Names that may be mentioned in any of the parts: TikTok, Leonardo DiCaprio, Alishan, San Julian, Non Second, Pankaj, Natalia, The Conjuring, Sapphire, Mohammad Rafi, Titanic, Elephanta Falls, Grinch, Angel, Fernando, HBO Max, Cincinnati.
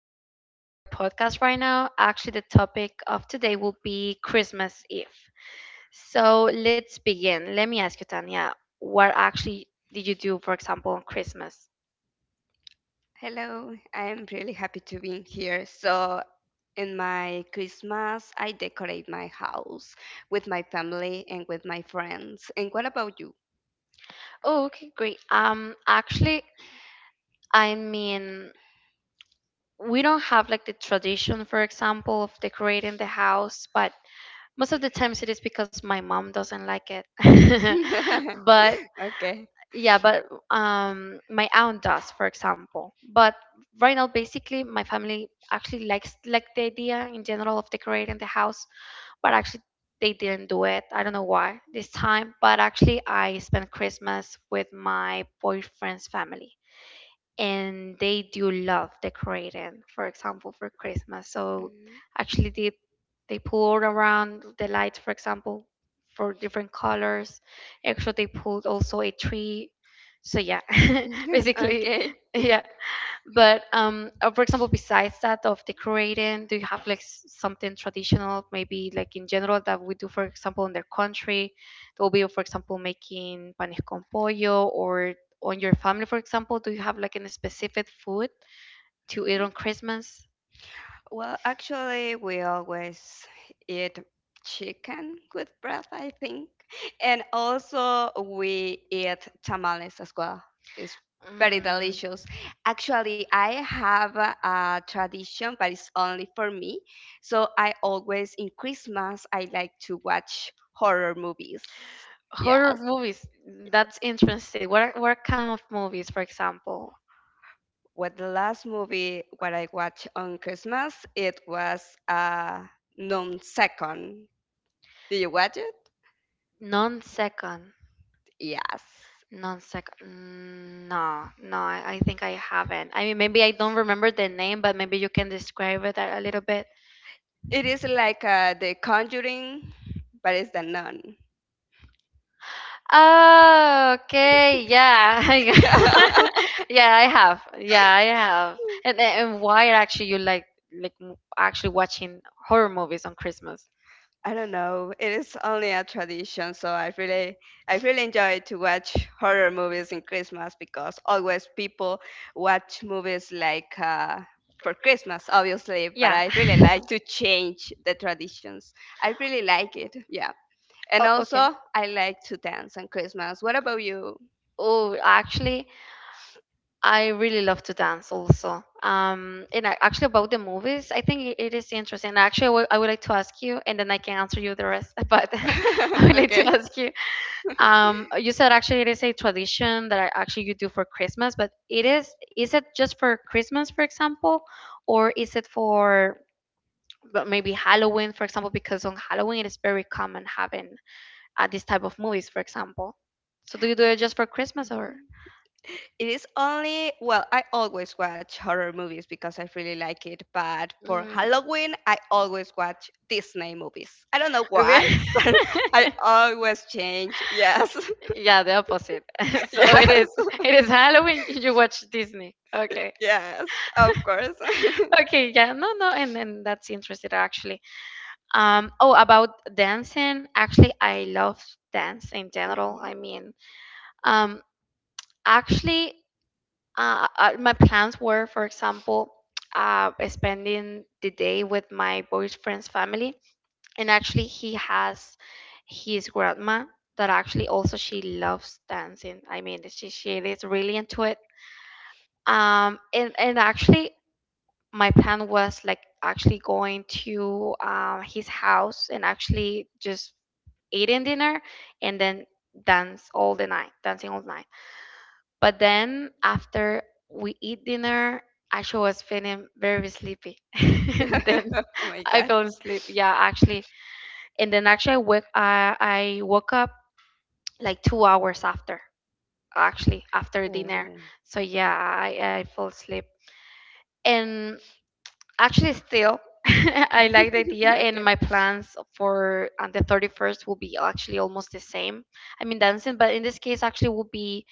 For joining our podcast right now. Actually, the topic of today will be Christmas Eve. So let's begin. Let me ask you, Tanya, what actually did you do, for example, on Christmas? Oh, okay, great. Actually, I mean, we don't have like the tradition, for example, of decorating the house, but most of the times it is because my mom doesn't like it, but Okay. yeah, but my aunt does, for example. But right now basically my family actually likes like the idea in general of decorating the house, but actually they didn't do it, I don't know why this time. But actually I spent Christmas with my boyfriend's family and they do love decorating, for example, for Christmas. So Mhm. actually they pulled around the lights, for example, for different colors. Actually they pulled also a tree, so yeah. Basically, Okay. yeah. But for example, besides that of decorating, do you have like something traditional, maybe like in general that we do, for example, in their country? That will be, for example, making panes con pollo, or on your family, for example, do you have like a specific food to eat on Christmas? Well, actually, we always eat chicken with bread, I think. And also, we eat tamales as well. It's very Mm, delicious. Actually, I have a tradition, but it's only for me. So I always, in Christmas, I like to watch horror movies. horror Yes. movies. That's interesting. What kind of movies, for example? What the last movie what I watched on Christmas? It was Non Second. Did you watch it? Non second. Yes. Non sec. No, no, I think I haven't. I mean, maybe I don't remember the name, but maybe you can describe it a little bit. It is like The Conjuring, but it's the nun. Oh, okay. Yeah. Yeah, I have. Yeah, I have. And why actually you like actually watching horror movies on Christmas? I don't know. It is only a tradition, so I really enjoy to watch horror movies in Christmas because always people watch movies like for Christmas, obviously. But Yeah. I really like to change the traditions. I really like it. Yeah. And Oh, okay. also, I like to dance on Christmas. What about you? Oh, actually, I really love to dance also. And actually about the movies, I think it is interesting. Actually, I would like to ask you, and then I can answer you the rest. But I would like to Okay. ask you. You said actually it is a tradition that actually you do for Christmas, but it is it just for Christmas, for example, or is it for, but maybe Halloween, for example, because on Halloween it is very common having this type of movies, for example. So do you do it just for Christmas or? It is only, well, I always watch horror movies because I really like it. But for Mm. Halloween, I always watch Disney movies. I don't know why, Re- but I always change. Yes, yeah, the opposite. So yes, it is Halloween. You watch Disney. Okay. yes, of course. Okay. Yeah. No. No. And that's interesting, actually. Oh, about dancing. Actually, I love dance in general. I Mhm. mean, um. Actually, my plans were, for example, spending the day with my boyfriend's family, and actually he has his grandma that actually also she loves dancing. I mean, she is really into it. And actually my plan was like actually going to his house and actually just eating dinner and then dance all the night dancing all night. But then after we eat dinner actually was feeling very sleepy and then Oh my I God. fell asleep, yeah, actually. And then actually I woke up like 2 hours after actually after dinner. Oh. So yeah, I fell asleep, and actually still I like the idea. Okay. And my plans for on the 31st will be actually almost the same. I mean dancing, but in this case actually will be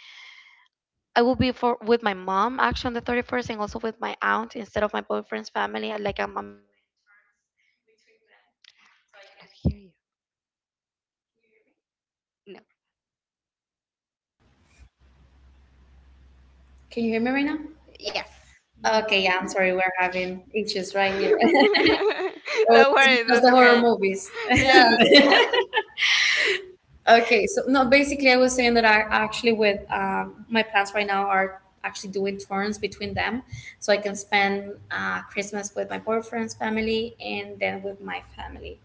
I will be for with my mom actually on the 31st, and also with my aunt instead of my boyfriend's family. I- Like I'm I hear you. No. Can you hear me right now? Yes. Okay, hmm yeah, I'm sorry, we're having issues right here. Oh, Don't it's worry. because That's the horror okay. movies. Yeah. Okay, so no, basically, I was saying that I actually with my plans right now are actually doing turns between them, so I can spend Christmas with my boyfriend's family and then with my family.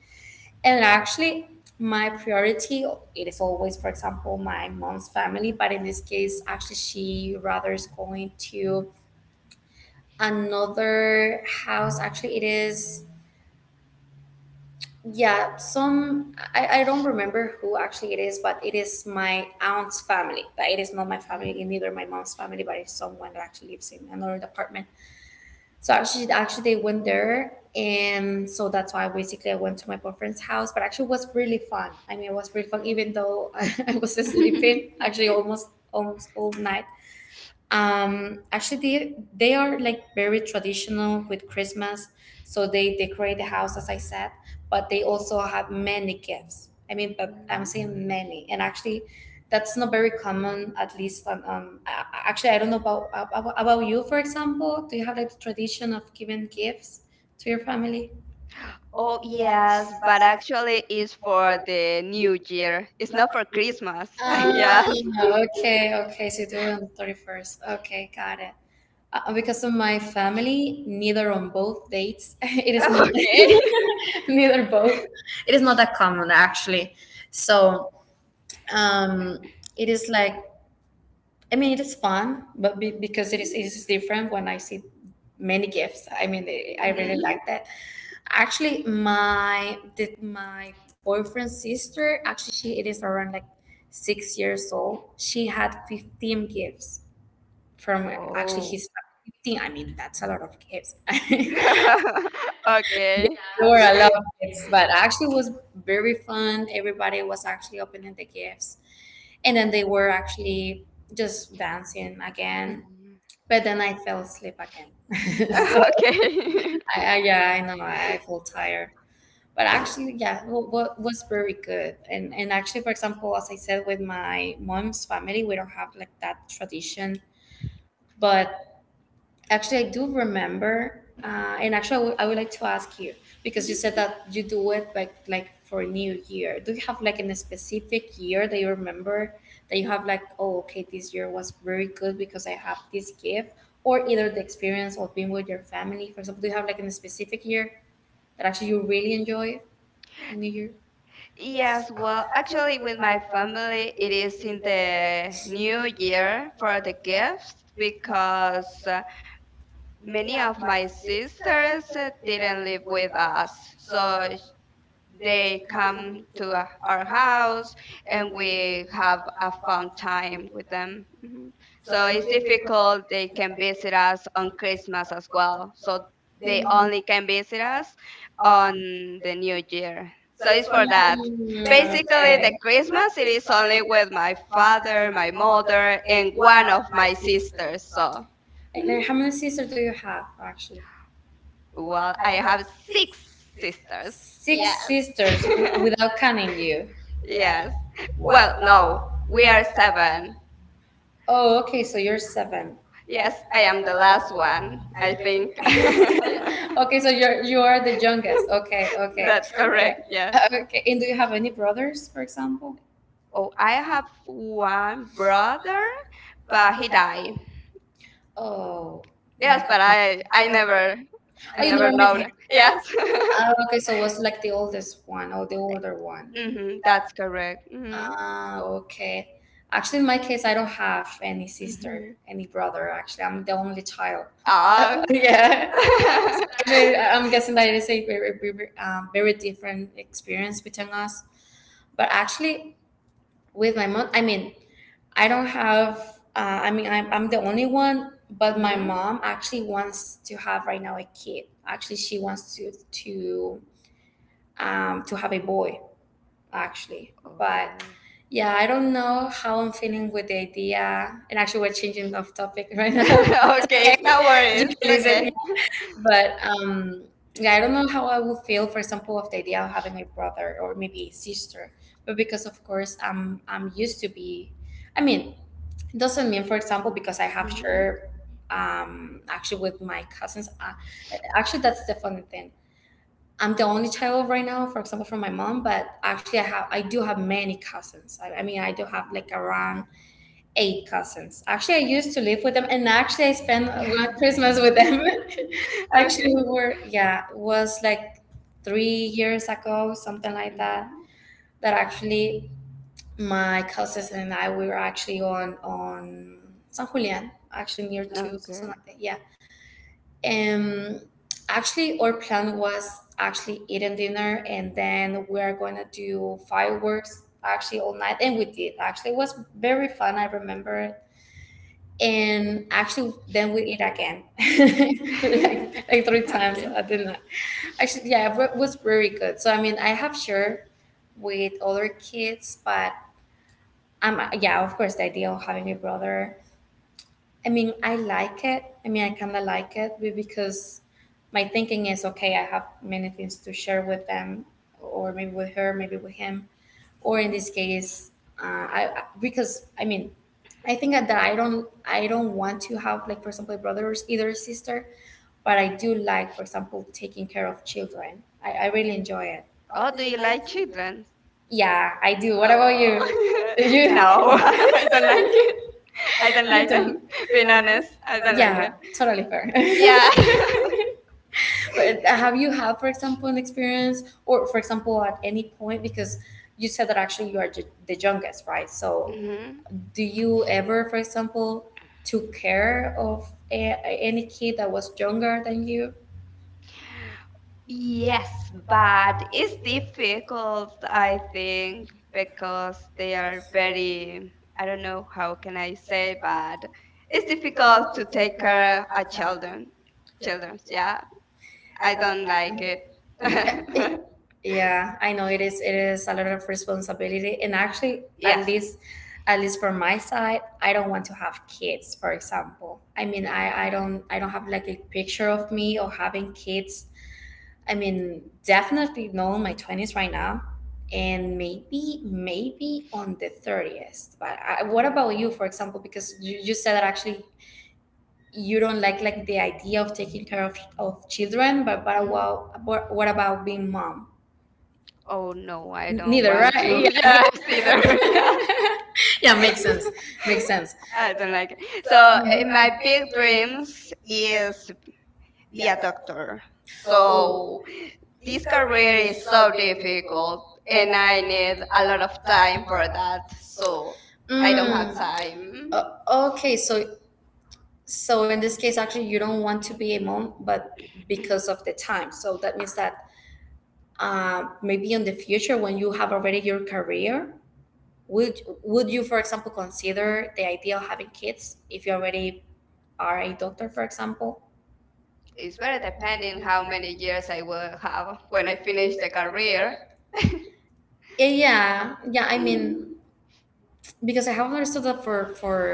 And actually, my priority it is always, for example, my mom's family, but in this case, actually, she rather is going to another house. Actually, it is Yeah, some I don't remember who actually it is, but it is my aunt's family. But it is not my family, and neither my mom's family, but it's someone that actually lives in another department. So actually they went there, and so that's why basically I went to my boyfriend's house. But actually, it was really fun. I mean, it was really fun, even though I was hmm sleeping hmm actually almost all night. Actually they are like very traditional with Christmas, so they decorate the house as I said, but they also have many gifts. I mean, but I'm Mhm. saying many, and actually that's not very common, at least. Actually I don't know about you, for example. Do you have like the tradition of giving gifts to your family? Oh, Oh yes, yes, but but actually actually it's for for the New New Year, Year. It's not not for for Christmas. Christmas. Ah, Yes. okay, okay. So you do it on the 31st. Okay, got it. Because of my family, neither on both dates. It is not, Okay. neither both. It is not that common, actually. So it is like, I mean, it is fun, but because Mhm. it is different when I see many gifts. I mean, I really Mhm. like that. Actually, my boyfriend's sister, actually she it is around like 6 years old. She had 15 gifts from actually, oh, Oh. his family. 15 I mean, that's a lot of gifts. Yeah, Okay. there were a lot of gifts, but actually it was very fun. Everybody was actually opening the gifts, and then they were actually just dancing again. Mhm. But then I fell asleep again. So Okay. Yeah, I know I feel tired. But actually, yeah, what was very good. And actually, for example, as I said, with my mom's family, we don't have like that tradition. But actually, I do remember, and actually, I would like to ask you, because you Mhm. said that you do it like for New Year. Do you have like in a specific year that you remember that you have like, oh, okay, this year was very good because I have this gift, or either the experience of being with your family, for example. Do you have like in a specific year that actually you really enjoy on New Year? Yes, Yes, well, well, actually, actually, with with my my family, family, it it is is in in the the new New Year year for for the the gift, gifts because because many many of of my my sisters sisters didn't didn't live live with with us, us. So so they they come come to to our our house house and and we we have have a a fun fun time time with with them. them. Mhm. So So if it's they pick up difficult. They the things that can they visit us have on on Christmas Facebook as as well, well. So so they they on only can visit Facebook, us on on the the new New channel. Year. So So it's it's for for that. that. Basically, Basically, the okay. The Christmas Christmas it is is only celebrated with my my father, father, my my mother, mother, and and one one of of my my sisters. sisters. So, So, and then mhm. how many sisters do you have actually? well, Well, I I have have six six sisters. sisters. Six, yeah, Yes. sisters without counting you. Yeah. Yes. Wow. Well, Well, no, no, we we are are seven. seven. Oh, okay, so you're seven. Yes, Yes, I I am am the the last last one, one, I I think. think. Okay, so you are the youngest. Okay, okay. That's That's, okay, correct, correct, yes. yeah. Okay, and do you have any brothers, for example? Oh, Oh, I I have have one one brother, brother, but but he he died. died. Oh my, Yes, yes, God, but but I I I remember, never I oh, you never never met know him. that. Yes. Yes. Ah, okay, so was like the oldest one or the older one. Mhm, hmm That's that's correct. correct. Mhm. Hmm Ah, okay. Actually, in my case, I don't have any sister, hmm any brother. Actually, I'm the only child. Ah. Ah. Yeah. So actually, I'm guessing that it is a very, very, very different experience between us. But actually, with my mom, I mean, I don't have. I mean, I'm the only one, but my hmm mom actually wants to have right now a kid. Actually, she wants to have a boy. Actually, but Oh. yeah, I don't know how I'm feeling with the idea. And actually, we're changing off topic right now. But it's okay, Okay, no no worries, worries. you can listen, Okay. yeah. But yeah, I don't know how I would feel, for example, of the idea of having a brother or maybe a sister. But because of course, I'm used to be, I mean, it doesn't mean, for example, because I have Mhm. shared actually with my cousins, actually that's the funny thing, I'm the only child right now, for example, from my mom. But actually, I do have many cousins. I mean, I do have like around eight cousins. Actually I used to live with them, and actually I spent one Christmas with them. Okay. Actually Mhm. Okay. we were, yeah, it was like 3 years ago, something like that, Mhm. that actually my cousins and I, we were actually on San Julian, actually near to Cincinnati. Yeah. Um actually our plan was actually eating dinner and then we're gonna do fireworks actually all night, and we did. Actually, it was very fun, I remember it. And actually then we eat again, like three times. Okay. Mhm. I did not actually. Yeah, it was very good. So I mean, I have shared with other kids, but yeah, of course, the idea of having a brother, I mean, I like it. I mean, I kind of like it because my thinking is, okay, I have many things to share with them, or maybe with her, maybe with him, or in this case, because I mean, I think that I don't want to have like, for example, a brother or either a sister, but I do like, for example, taking care of children. I really enjoy it. Oh, Oh, do do you you like like children? children? Yeah, I do. What about Oh, you? You? no, No. I don't like I I don't don't you like like don't it. them. Being Being honest, honest, I don't I like don't it. like Yeah, it. totally fair. Yeah. Yeah, but have you had, for example, an experience, or for example, at any point, because you said that actually you are the youngest, right? So, mhm, hmm do you ever, for example, took care of a- any kid that was younger than you? Yes, Yes, but but it's it's difficult, difficult. I I think think, because because they they are are very, very, I I don't don't know know how how can can I I say, say, but but it's it's difficult difficult to to take take care care of of a children. children. Children, Children, yeah. yeah. I I don't don't like like it. it. It- yeah, I know it is. It is a lot of responsibility, and actually, at yes, Yes. least, at least from my side, I don't want to have kids. For example, I mean, I don't have like a picture of me or having kids. I mean, definitely not in my 20s right now, and maybe, maybe on the 30th. But I, what about you, for example? Because you said that actually you don't like the idea of taking care of children, but but Mhm. what, what what about being mom? Oh no, I don't Neither, want to. right? Yeah, Yes, either. Yeah, yeah, makes sense, makes sense. I don't like it. So So, mhm, eh, in my my big big dreams dreams is is be be a a doctor. doctor. So, So this this career career is is so so difficult, difficult, and and I I need need a a lot lot of of time time for for that. that. So So, I don't I don't have have, mm, time. time. Okay, so so in this case, actually, you don't want to be a mom, but because of the time. So that means that maybe in the future, when you have already your career, would you, for example, consider the idea of having kids if you already are a doctor, for example? It's It's very very depending depending how how many many years years I I will will have have when when I I finish finish the the career. career. Eh, yeah, I Mm, mean, because I have understood that for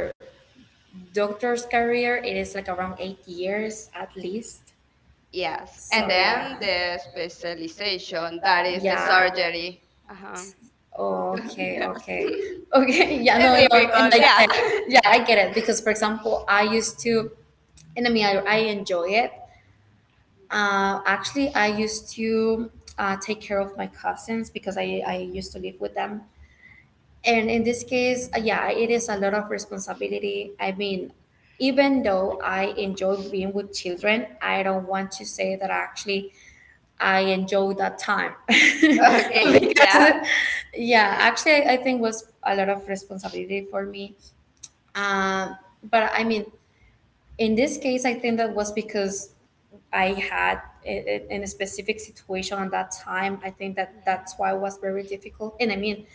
doctor's career it is like around 8 years at least. Yeah, yes, so and and then, then yeah, the the specialization, specialization that that is, is the yeah, surgery. surgery. Uh huh. Okay, Yes. okay, okay. yeah, no, It's no. and I difficult. get Yeah. it, yeah, I get it, because for example I used to, and I mean I enjoy it, actually I used to, take care of my cousins because I used to live with them. And in this case, yeah, it is a lot of responsibility. I mean, even though I enjoy being with children, I don't want to say that actually I enjoy that time. Okay. Okay. Yeah. because, yeah, actually, I think was a lot of responsibility for me. Um, but I mean, in this case, I think that was because I had in a specific situation at that time. I think that Mhm. that's why it was very difficult. And I mean,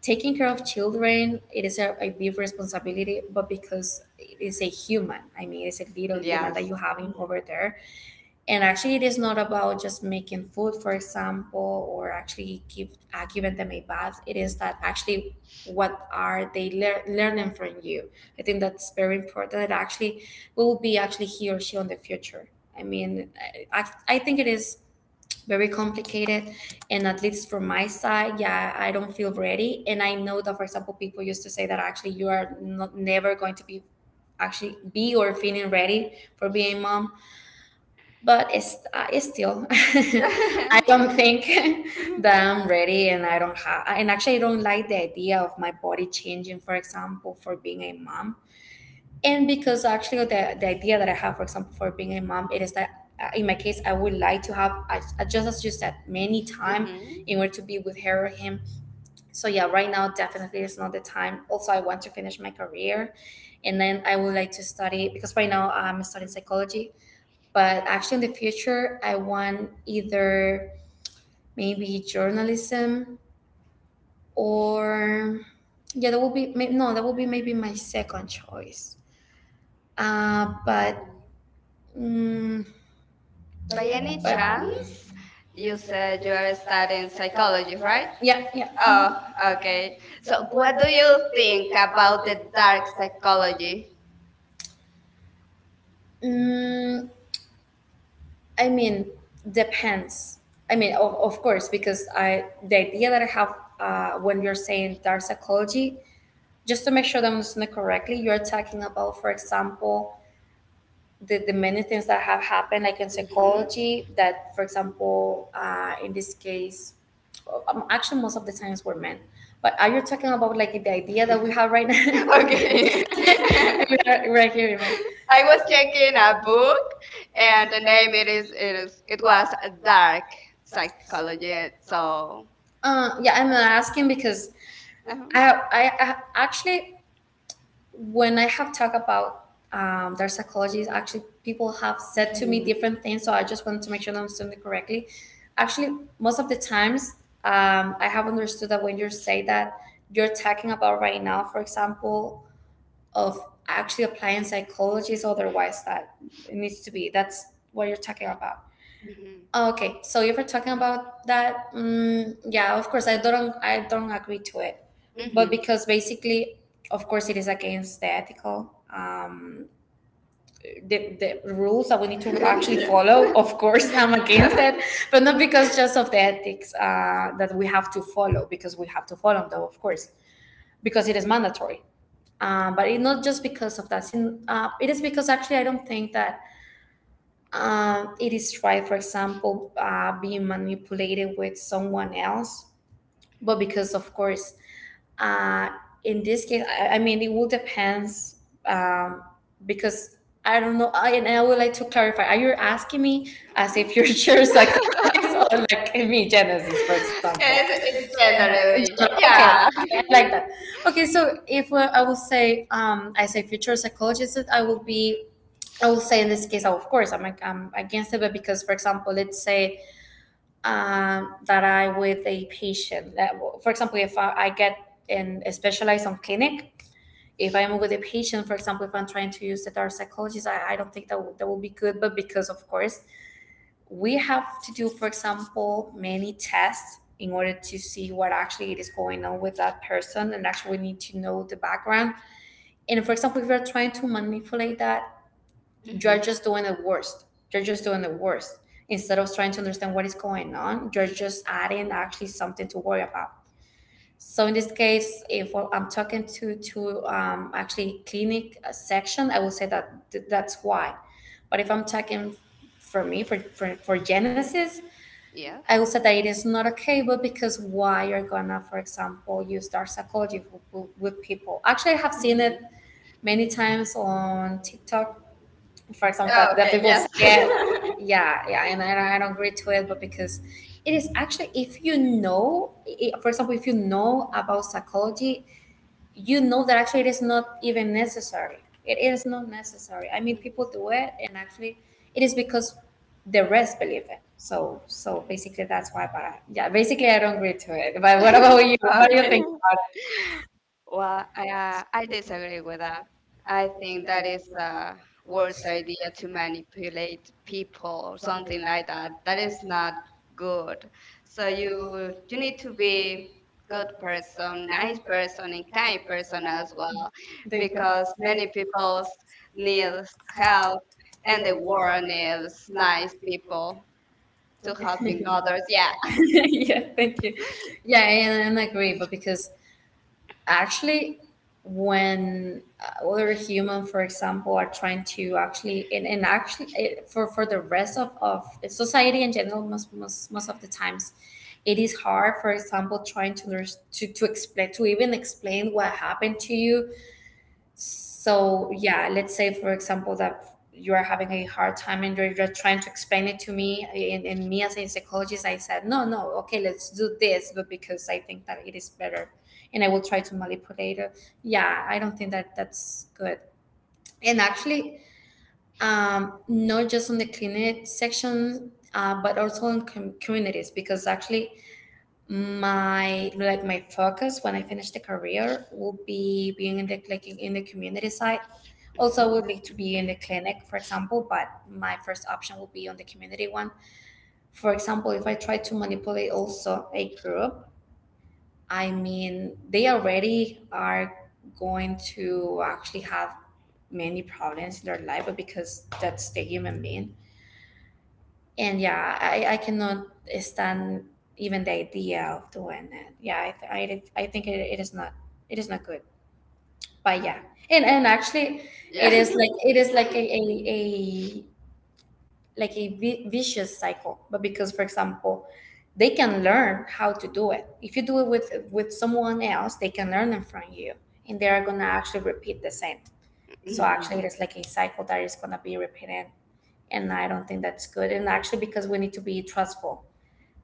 taking care of children, it is a big responsibility, but because it is a human, I mean, it's a little human, yeah, Yes. that you having Mhm. over there, and actually it is not about just making food, for example, or actually give giving them a bath. It is that actually what are they learning from you. I think that's very important. It actually will be actually he or she on the future. I mean, I think it is very complicated, and at least from my side, yeah, I don't feel ready. And I know that, for example, people used to say that actually you are not, never going to be actually be or feeling ready for being mom, but it's still, I don't think Mhm. that I'm ready. And I don't have, and actually I don't like the idea of my body changing, for example, for being a mom. And because actually the idea that I have, for example, for being a mom, it is that in my case I would like to have I just as you said, many time in order to be with her or him. So yeah, right now definitely is not the time. Also, I want to finish my career, and then I would like to study, because right now I'm studying psychology, but actually in the future I want either maybe journalism, or yeah, that will be no, that will be maybe my second choice, but, Mhm. mm, by By any any chance, chance, you you said said you you are are studying studying psychology, psychology, right? right? Yeah, yeah, mhm. Oh, Oh, okay. okay. So So, what what do do you you think think about about the the dark dark psychology? psychology? Mm, I mean, depends. I mean, of course, because I, the idea that I have, when you're saying dark psychology, just to make sure that I'm listening correctly, you're talking about, for example, the many things that have happened like in Hmm psychology, that for example, in this case, actually most of the times were men, but are you talking about like the idea that we have right now, Okay. right, right here, man? I I was was taking checking a a book, book, and and the the name name it it is, is it it is, is it it was was a dark dark psychology. psychology. So, So. Yeah, I'm asking because Uh huh. I have, I actually, when I have talked about their psychologies, actually people have said to me hmm different things. So I just wanted to make sure that I'm understanding it correctly. Actually, most of the times, I have understood that when you say that, you're talking about right now, for example, of actually applying psychologies, otherwise that it needs to be. That's what you're talking about. hmm Oh, okay, so if we're talking about that, mm, yeah, of course, I don't agree to it, but mhm, hmm because basically, of course, it is against the ethical, the rules that we need to actually yes. follow. Of course, I'm against it, but not because just of the ethics, that we have to follow, because we have to follow them, of course, because it is mandatory. But it's not just because of that. It is because actually I don't think that it is try, for example, being manipulated with someone else. But because, of course, uh, in this case, I mean, it will depends, um, because I don't know. I, and I would like to clarify: are you asking me as if you're sure psychologist, or like me, Genesis, for example? Yes, it's it's generally, general. Okay, yeah. yeah, okay, I like that. Okay, so if I will say, I say future psychologist, I will be, I will say, in this case, of course, I'm against it, but because, for example, let's say that I with a patient, that, for example, if I get in a specialized on clinic, if I'm with a patient, for example, if I'm trying to use the dark psychologist, I don't think that will be good. But because, of course, we have to do, for example, many tests in order to see what actually it is going on with that person, and actually we need to know the background. And for example, if you're trying to manipulate, that you're hmm just doing the worst. You're just doing the worst. Instead of trying to understand what is going on, you're just adding actually something to worry about. So in this case, if I'm talking to actually clinic, section, I will say that that's why. But if I'm talking for me, for, for Genesis, Yeah. I will say that it is not okay. But because why you're gonna, for example, use dark psychology with people? Actually, I have seen hmm it many times on TikTok, for example, Oh, that, okay. people Yes. say, yeah, yeah, yeah, and I don't agree to it. But because it is actually, if you know, for example, if you know about psychology, you know that actually it is not even necessary. It is not necessary. I mean, people do it, and actually it is because the rest believe it. So Mhm. basically, that's why. But yeah, basically I don't agree to it. But what about you, what do you Okay. think? Well, I, uh, I I think disagree it's, with that. I I think think that that is is a a worse worse idea idea to to manipulate manipulate people people, or something something like like that. that. That That is is not not good. good. So So you you you need need to to be be good good person, person, nice nice person, person, and and kind kind person person as as well. well, Thank you. Because because many many people people need needs help, help, and and the the world world needs needs nice nice people people to to help helping each other. others. Yeah. Yeah. Yeah, thank you. Yeah, and I agree. But because actually when other human, for example, are trying to actually, and actually it, for the rest of society in general, most of the times it is hard, for example, trying to nurse to explain, to even explain what happened to you. So yeah, let's say, for example, that you are having a hard time and you're just trying to explain it to me, and me as a psychologist, I said, "No, no, okay, let's do this, but because I think that it is better," and I will try to manipulate it. Yeah, I don't think that's good. And actually, not just on the clinic section, but also in communities. Because actually my, like my focus when I finish the career will be being in the, like in the community side. Also, would like to be in the clinic, for example, but my first option will be on the community one. For example, if I try to manipulate also a group, I mean they already are going to actually have many problems in their life, but because that's the human being. And yeah, I cannot stand even the idea of doing it. Yeah, I think it, it is not, it is not good. But yeah, and actually it is Yes. like, it is like a like a vicious cycle. But because, for example, they can learn how to do it. If you do it with someone else, they can learn it from you, and they are gonna actually repeat the same. So Mhm. actually it is like a cycle that is gonna be repeated, and I don't think that's good. And actually, because we need to be trustful,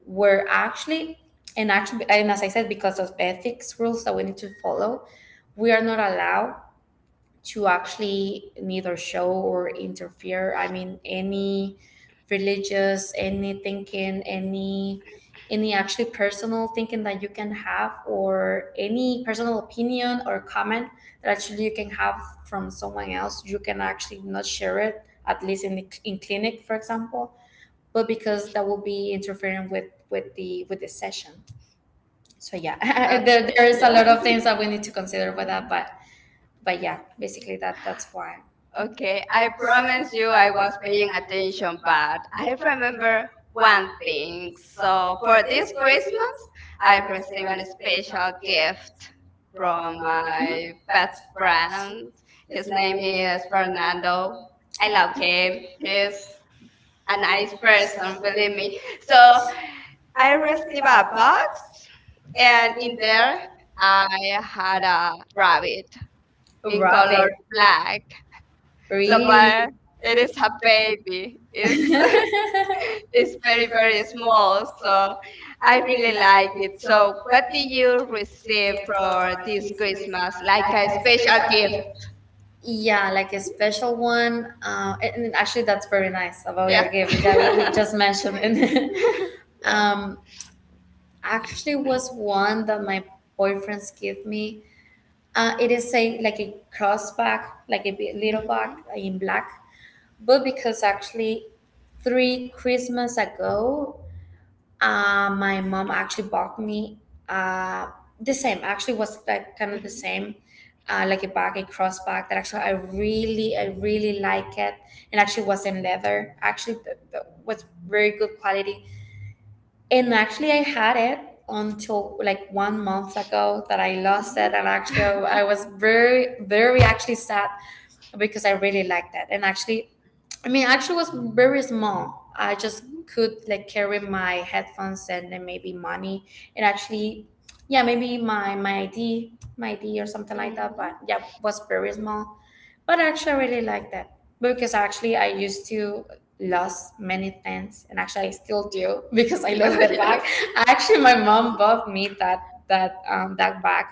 were actually, and actually, and as I said, because of ethics rules that we need to follow, we are not allowed to actually neither show or interfere, I mean, any religious, any thinking, any actually personal thinking that you can have, or any personal opinion or comment that actually you can have from someone else, you can actually not share it, at least in the, in clinic, for example. But because that will be interfering with the with the session. So yeah, there, Okay, there is a lot of yes. things that we need to consider with that, but yeah, basically that's why. Okay, Okay, I I promise promise you you I I was was paying paying attention, attention, but but I I remember remember one one thing. thing. So So for for this this Christmas, Christmas, I I received received a a special special gift gift from, mhm, from my my best best friend. friend. His His name name is is Fernando. Fernando, and I love him. okay, He's he's a a nice nice person, person, believe believe me. me. So So I I received received a a box, box, and and in in there there I I had had a a rabbit rabbit. in Rabbit. color Yeah. So, black. really? Sapphire, it It is is her a, baby. it's It's, very, it's it's very, very, very very small. small. So So I I really really like like it. it. So So what what did did you you receive receive for for this this Christmas? Christmas? Like Like a a special special gift? gift? Yeah, like a special one. And actually, that's very nice about your, Yes. yeah, gift, which I will just mention. yes. um, Actually was one that my boyfriends give me. It is a, like a cross bag, like a little bag in black. But because actually three Christmas ago, my mom actually bought me, uh, the same. Actually, was like kind of the Mhm. same. Like a bag, a cross bag that actually I really like it, and actually was in leather. Actually, was very good quality, and actually, I had it until like 1 month ago that I lost Mhm. it. And actually, I was very, very actually sad because I really liked it. And actually, I mean, actually, it was very small. I just could like carry my headphones and then maybe money. And actually, yeah, maybe my ID, my ID or something Mhm. like that. Mhm. But yeah, was very small. But actually, I really like that because actually, I used to lose many things, and actually, I still do because I lost the yes. bag. Actually, my mom bought me that that bag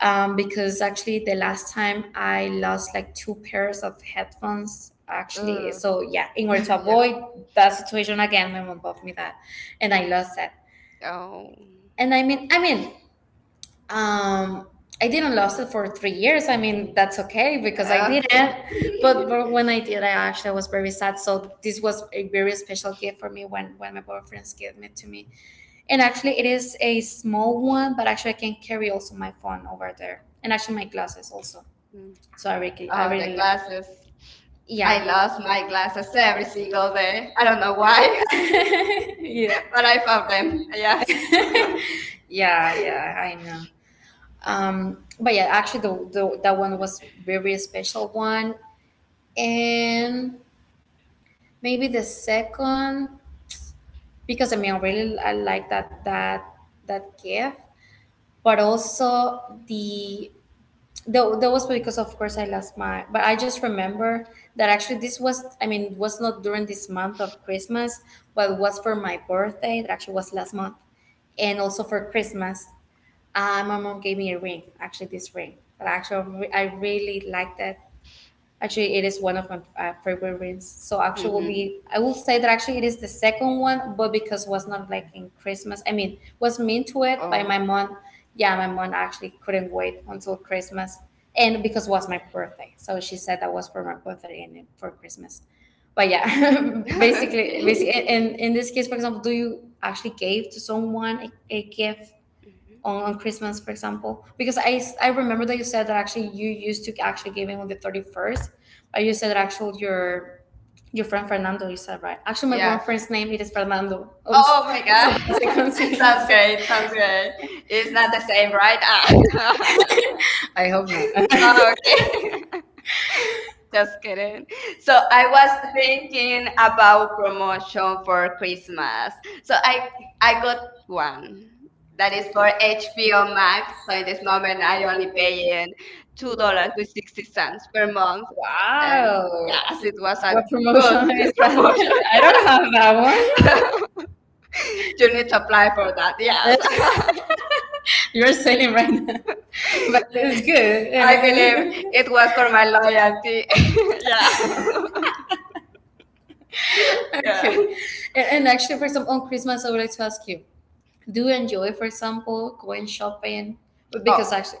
because actually, the last time I lost like two pairs of headphones. Actually, Uh, so yeah, in order to avoid yeah. that situation again, my mom bought me that, and I lost it. Oh. And I mean, um I didn't lost it for 3 years. I mean, that's okay because I Oh, okay. didn't. But when I did, I actually was very sad. So this was a very special gift for me when my boyfriend's gave it to me. And actually, it is a small one, but actually I can carry also my phone over there, and actually my glasses also. Mm. So I really, I Oh, the really love glasses. it. Yeah, I I lost lost my my glasses glasses every every single single day. day. I I don't don't know know why, why. Yeah, but but I I found them. found them. Yeah. Yeah. Yeah, yeah, I know. But yeah, actually, the, that one was very special one. And maybe the second, because I mean, I really, I like that gift. But also the that, that was because of course I lost my, but I just remember that actually this was, I mean was not during this month of Christmas, but was for my birthday that actually was last month. And also for Christmas, my mom gave me a ring, actually this ring, but actually I really liked it. Actually, it is one of my, favorite wins. So actually, will hmm be, I will say that actually it is the second one, but because was not like in Christmas. I mean, was meant to it by Oh. my mom. Yeah, my mom actually couldn't wait until Christmas, and because was my birthday, so she said that was for my birthday and for Christmas. But yeah, basically, Okay. basically, and in this case, for example, do you actually gave to someone a gift Mhm. On Christmas, for example? Because I, I remember that you said that actually you used to actually giving on the 31st, but you said that actually your friend Fernando, you said, right? Actually, my, yeah, Yes. boyfriend's name it is Fernando. Oh my, so, Oh my god. That's God. a, that's coincidence. Good. Sounds great. Sounds That's great. good. It's It's not not the the same, same, right? right? Ah, Ah. I hope not. No, Oh, just okay. Just kidding. kidding. So So I I was was thinking thinking about about promotion promotion for for Christmas. Christmas. So So I I I I got got one one that that is is for for HBO HBO Max. Max. So So in in this this moment moment, I I only only pay paying two two dollars dollars with 60 cents per month, and Wow. yeah, Yeah, as so it it was, was what, like, a what promotion good dollars. Is promotion. that? I don't have that Yeah, one. you You need need to to apply apply for for that. that. Yeah, Yes, you're selling right now. But it's good. I I believe mean, it it was was for for my my loyalty. loyalty. yeah, yeah. Okay. And actually, for example, on Christmas, I would like to ask you, do you enjoy, for example, going shopping? Oh, Because actually,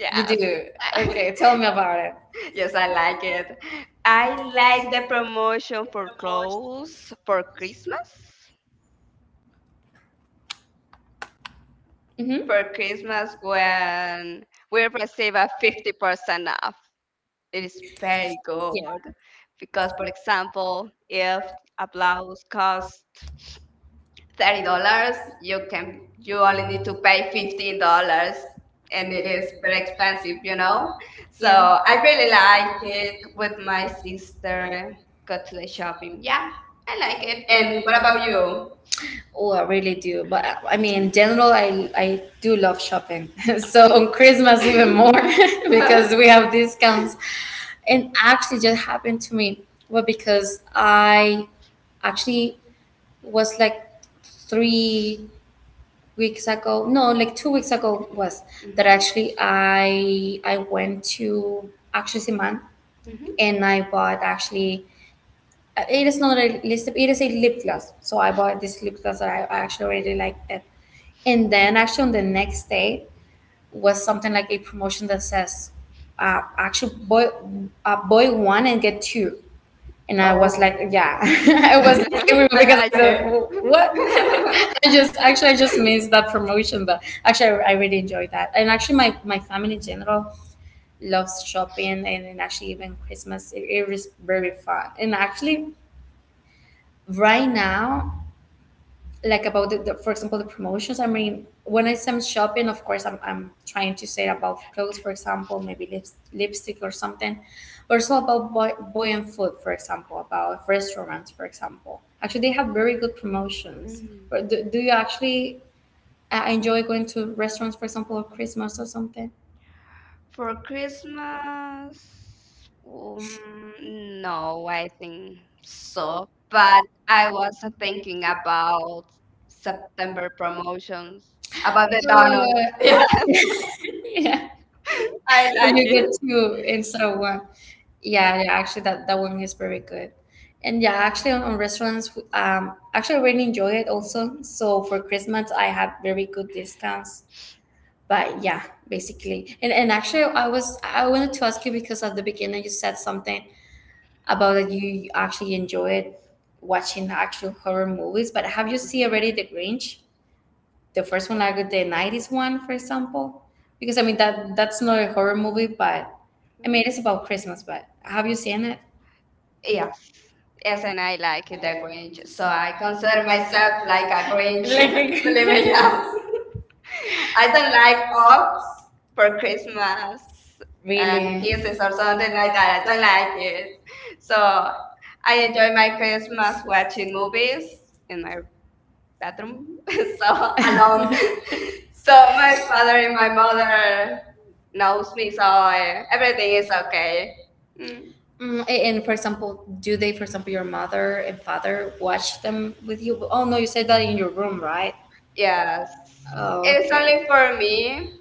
you, yeah, do. Okay, tell me about it. Yes, Yes, I I like like it. it. I I like like the the promotion for clothes promotions, for Christmas. mm-hmm, For for Christmas, Christmas where when where we receive a things 50% off, it is is very very good. good. Yeah. Because, for But for example, if example, a blouse like costs thirty thirty dollars, dollars, you you can can, you you only only need need to to pay pay fifteen fifty dollars dollars, and and it it is is very very expensive, expensive, you you know. know. So So yeah, I I really really like like it it with when my my sister sister go to got to the the shopping. shopping. Yeah, Yeah, I I like like it. it. And And what what about about you? you? Oh, I really do. But I mean, in general, I do love shopping. So on Christmas even more because we have discounts. And actually, just happened to me. Well, because I actually was like 3 weeks ago, no, like 2 weeks ago, was that hmm actually I went to action Siman, hmm and I bought actually, it is not a lip, it is a lip gloss. So I bought this lip gloss that I actually really liked it. And then actually on the next day was something like a promotion that says, actually boy, buy one and get two. And I was Oh like, yeah. I was like, everyone, I because like I it. said, what, I just actually, I just missed that promotion. But actually I really enjoyed that. And actually, my family in general loves shopping. And actually even Christmas it, it was very fun. And actually, right now, like about the, for example, the promotions. I mean, when I am shopping, of course I'm trying to say about clothes, for example, maybe lips, lipstick or something, but also about boy, and food, for example, about restaurants, for example. Actually, they have very good promotions. Mhm. But do, do you actually I enjoy going to restaurants, for example, or Christmas or something. For For Christmas, Christmas, um, no, no, I think so, so. but But I I was was thinking thinking about about September September from promotions, about about the donuts. the Yes, yeah. I So like you get it. two instead of one. Yeah, yeah. Actually, that one is very good. And yeah, actually, on restaurants, actually, I really enjoy it also. So for Christmas, I had very good discounts, but yeah, basically. And actually, I wanted to ask you, because at the beginning you said something about that you actually enjoyed watching actual horror movies. But have you seen Mhm, already the Grinch, the first one, like the 90s one, for example? Because I mean, that's not a horror movie, but I mhm. mean it's about Christmas. But have you seen it? Yeah, Yes, as yes, and I like a the Grinch. Grinch. So So I I consider consider myself myself like like a a Grinch, Grinch. like a Believe me, yeah. Grinch. I I don't don't like like ox ops for for Christmas. Christmas And, and really? kisses Kisses or or something something like like that. I that, I don't don't like like it. it. So So I I enjoy enjoy my my Christmas Christmas watching watching movies movies in and my I bedroom, bathroom. so So, alone. and so, So my my father father and and my my mother mother knows knows me, me, so so everything everything is is okay. okay. Mm, Mm, and for example, do they, for example, your mother and father watch them with you? Oh no, you said that in your room, right? yes, Yes. Oh, it is it's only okay, only for for me. me.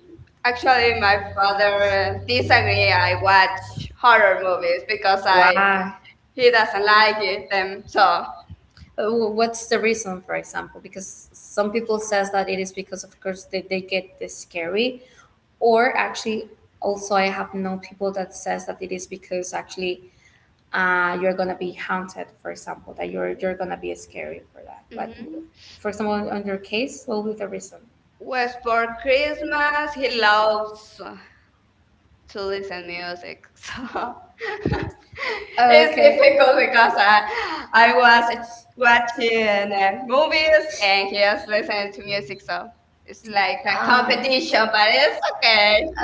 Actually, Actually, my my father father disagree. disagree I I watch watch horror horror movies movies, because because I I why? He He doesn't doesn't like like it, it, them. and so. So, What's the reason, for example? Because some people says that it is because, of course, they get this scary, or actually, also I have known people that says that it is because actually you're gonna be haunted, for example, that you're hmm you're gonna be scary for that. But, hmm mhm, for example, on your case, what will be the reason? Well, West for for Christmas. Christmas, he He loves loves to songs listen and music. music. So So it's, it's okay, difficult difficult, because because I, I, I I was was watching watching movies movies and and he was just listening listening to to music. music. So So it's it's like like a a competition, competition, but but it's it's okay. okay. It's,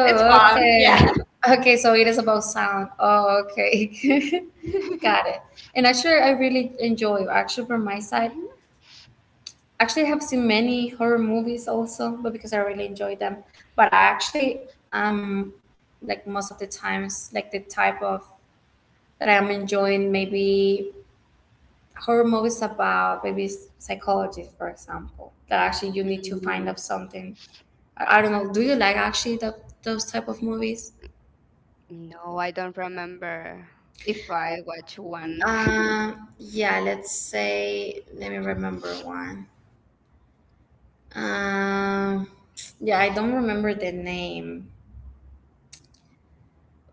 It's fun. fun. Okay. Yeah. Yeah. Okay, so it is about sound. Oh, okay. Got it. And actually, I really enjoy, actually, from my side, actually, I have seen many horror movies also, but because I really enjoy them. But I actually um like, most of the times, like, the type of that I'm enjoying maybe horror movies about maybe psychology, for example. That actually you need to find out something. I don't know. Do you like, actually, those type of movies? Mhm. No, I don't remember if I watch one. Yeah, let's say, let me remember one. Uh, yeah, I don't remember the name,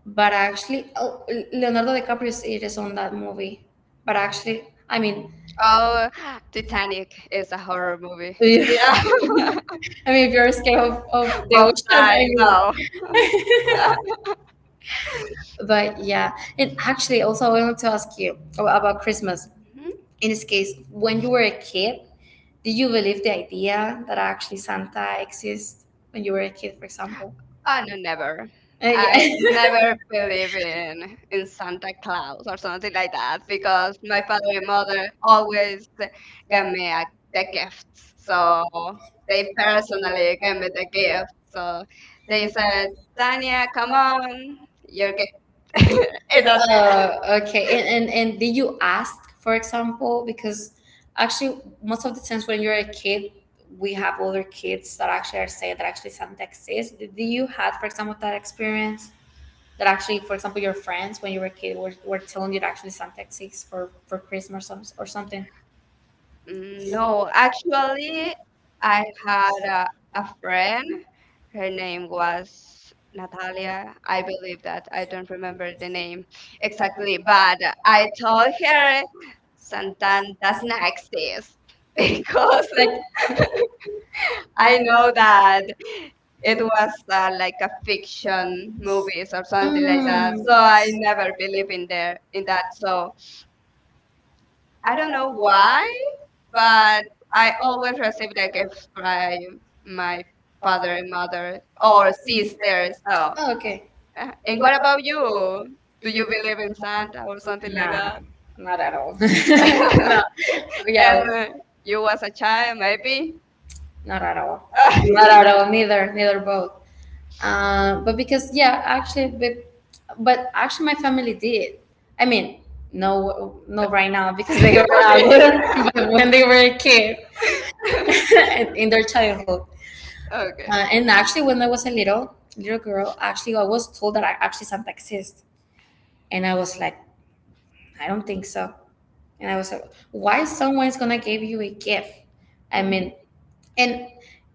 but actually, oh, Leonardo DiCaprio is, it is on that movie. But actually, I mean, Oh, Titanic is a horror movie. Yeah, I mean, if you're scared of the, both well, ocean. I Nye, mean, no. but yeah. And actually, also, I wanted to ask you about Christmas. Mhm. In this case, when you were a kid, did you believe the idea that actually Santa exists when you were a kid, for example? Oh no, never. I Yeah. never believe in Santa Claus or something like that because my father and mother always gave me the gifts. So So they they parents and personally they gave me the came. gift. So So they they said, said, Dania, Tanya, come come on, on. Yeah, your gift. okay. it doesn't Okay. And did you ask, for example, because actually most of the times when you're a kid, we have older kids that actually are saying that actually Santa exists. Did you had, for example, that experience? That actually, for example, your friends when you were a kid were, telling you to actually Santa exists for, Christmas, or some, or something? Mm. No, No, actually, actually, I I had a, had a, a a friend. friend that Her I name was was Natalia. Natalia. I I don't believe think that. that I I don't don't remember remember the his name name exactly, exactly, but but I I told told her her Santan sometimes does doesn't not exist exist because because, like, I I know know that that it it was was like like a a fiction fiction movie movies or or something something like like that. that. Mm. So So I I never never really believe been in there there in in that. that. So So I I don't don't know know why why, but but I I always always receive respect the like I gift describe by my my father father and and mother mother or or see their sisters. stuff. So, Oh, okay. And and what what about about you? you? Do Do you you get believe in any man Santa or or something something like like that? that? Nah, not at all. No, And yeah, when you you was was a a child, child, maybe? maybe? Not at all. Not at all. Neither both. But because yeah, actually, but actually, my family did. I mean, no, no, right now because they are Okay, adults. But when they were a kid, in their childhood, okay. And actually, when I was a little girl, actually, I was told that I actually Santa exists, and I was like, I don't think so. And I was like, why someone's gonna give you a gift? I Mhm. mean, and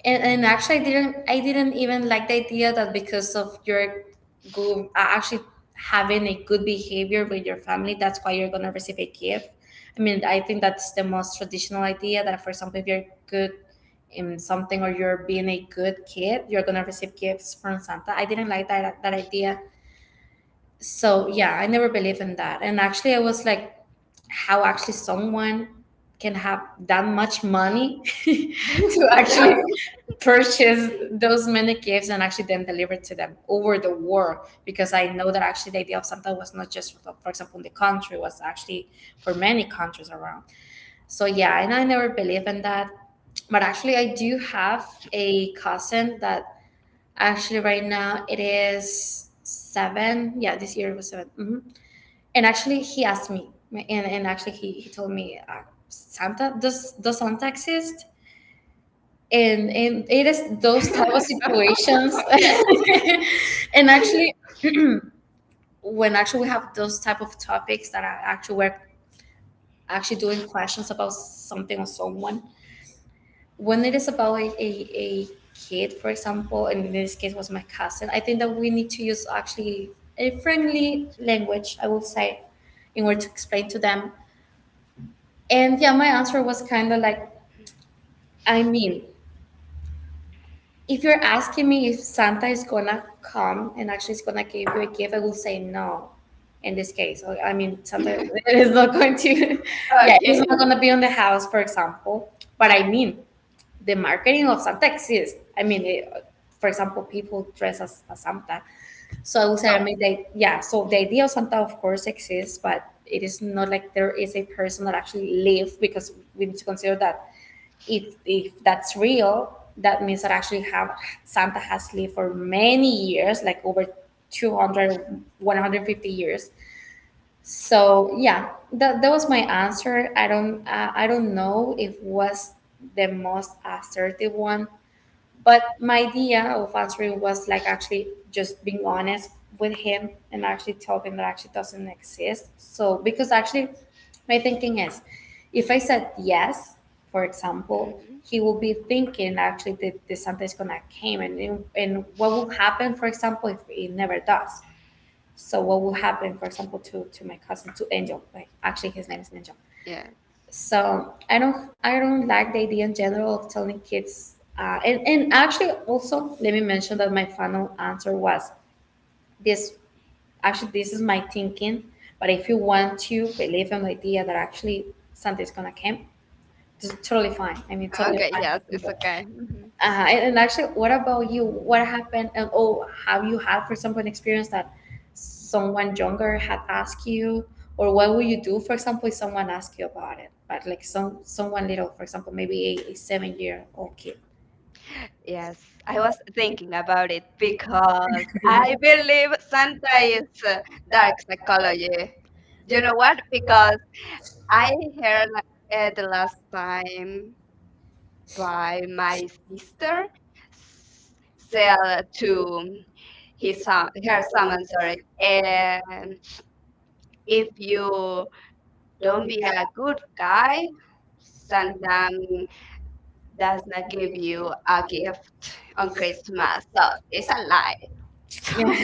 and actually I didn't even like the idea that because of your good actually having a good behavior with your family, that's why you're going to receive a gift. I mean, I think that's the most traditional idea, that for example, if you're good in something, or you're being a good kid, you're going to receive gifts from Santa. I didn't like that idea. So yeah, I never believed in that. And actually, I was like, how actually someone can have that much money to actually yes. purchase those many gifts and actually then deliver it to them over the world? Because I know that actually the idea of Santa was not just for, example, in the country. It was actually for many countries around. So yeah, and I never believe in that. But actually, I do have a cousin that actually right now it is seven. Yeah, this year it was 7. Mhm. And actually, he asked me, and actually he told me, Santa does Santa exist? And it is those type of situations. yes. And actually, when actually we have those type of topics that are actually we're actually doing questions about something or someone, when it is about a kid, for example, and in this case was my cousin, I think that we need to use actually a friendly language, I would say, in order to explain to them. And yeah, my answer was kind of like, I mean, if you're asking me if Santa is gonna come and actually is gonna give you a gift, I will say no. In this case, I mean, Santa is not going to, yeah, Okay. he's not gonna be on the house, for example. But I mean, the marketing of Santa exists. I mean, it, for example, people dress as, Santa. So I would say, Oh. I mean, they, yeah, so the idea of Santa, of course, exists, but it is not like there is a person that actually lives, because we need to consider that if that's real, that means that actually have Santa has lived for many years, like over 200, 150 years. So yeah, that was my answer. I don't know if was the most assertive one, but my idea of answering was like actually just being honest with him and actually tell him that actually doesn't exist. So because actually my thinking is, if I said yes, for example, mhm. he will be thinking actually that the Santa is gonna came, and what will happen, for example, if it never does. So what will happen, for example, to my cousin, to Angel? Like actually his name is Angel. Yes. So I don't like the idea in general of telling kids. And actually, also let me mention that my final answer was this. Actually, this is my thinking. But if you want to believe in the idea that actually Santa's gonna come, it's totally fine. I mean, totally Okay. Yes. It's fine. okay. Mhm. And actually, what about you? What happened? And oh, have you had, for example, an experience that someone younger had asked you, or what would you do, for example, if someone asked you about it? But like someone little, for example, maybe a 7-year old kid. I Yes, I I I was was thinking, thinking about it because because I because believe Santa sometimes is that. dark uh, psychology. You You know know what? what? Because Because I I heard heard that the the last last time time from by my my sister. sister Sell sell to to his his son, her son, I'm persons, sorry. right? And And if if you you don't don't be be a a good good guy, guy, Santa sometimes does does not not give give you you a a gift gift on on Christmas. Christmas. So So it's it's a a lie. lie.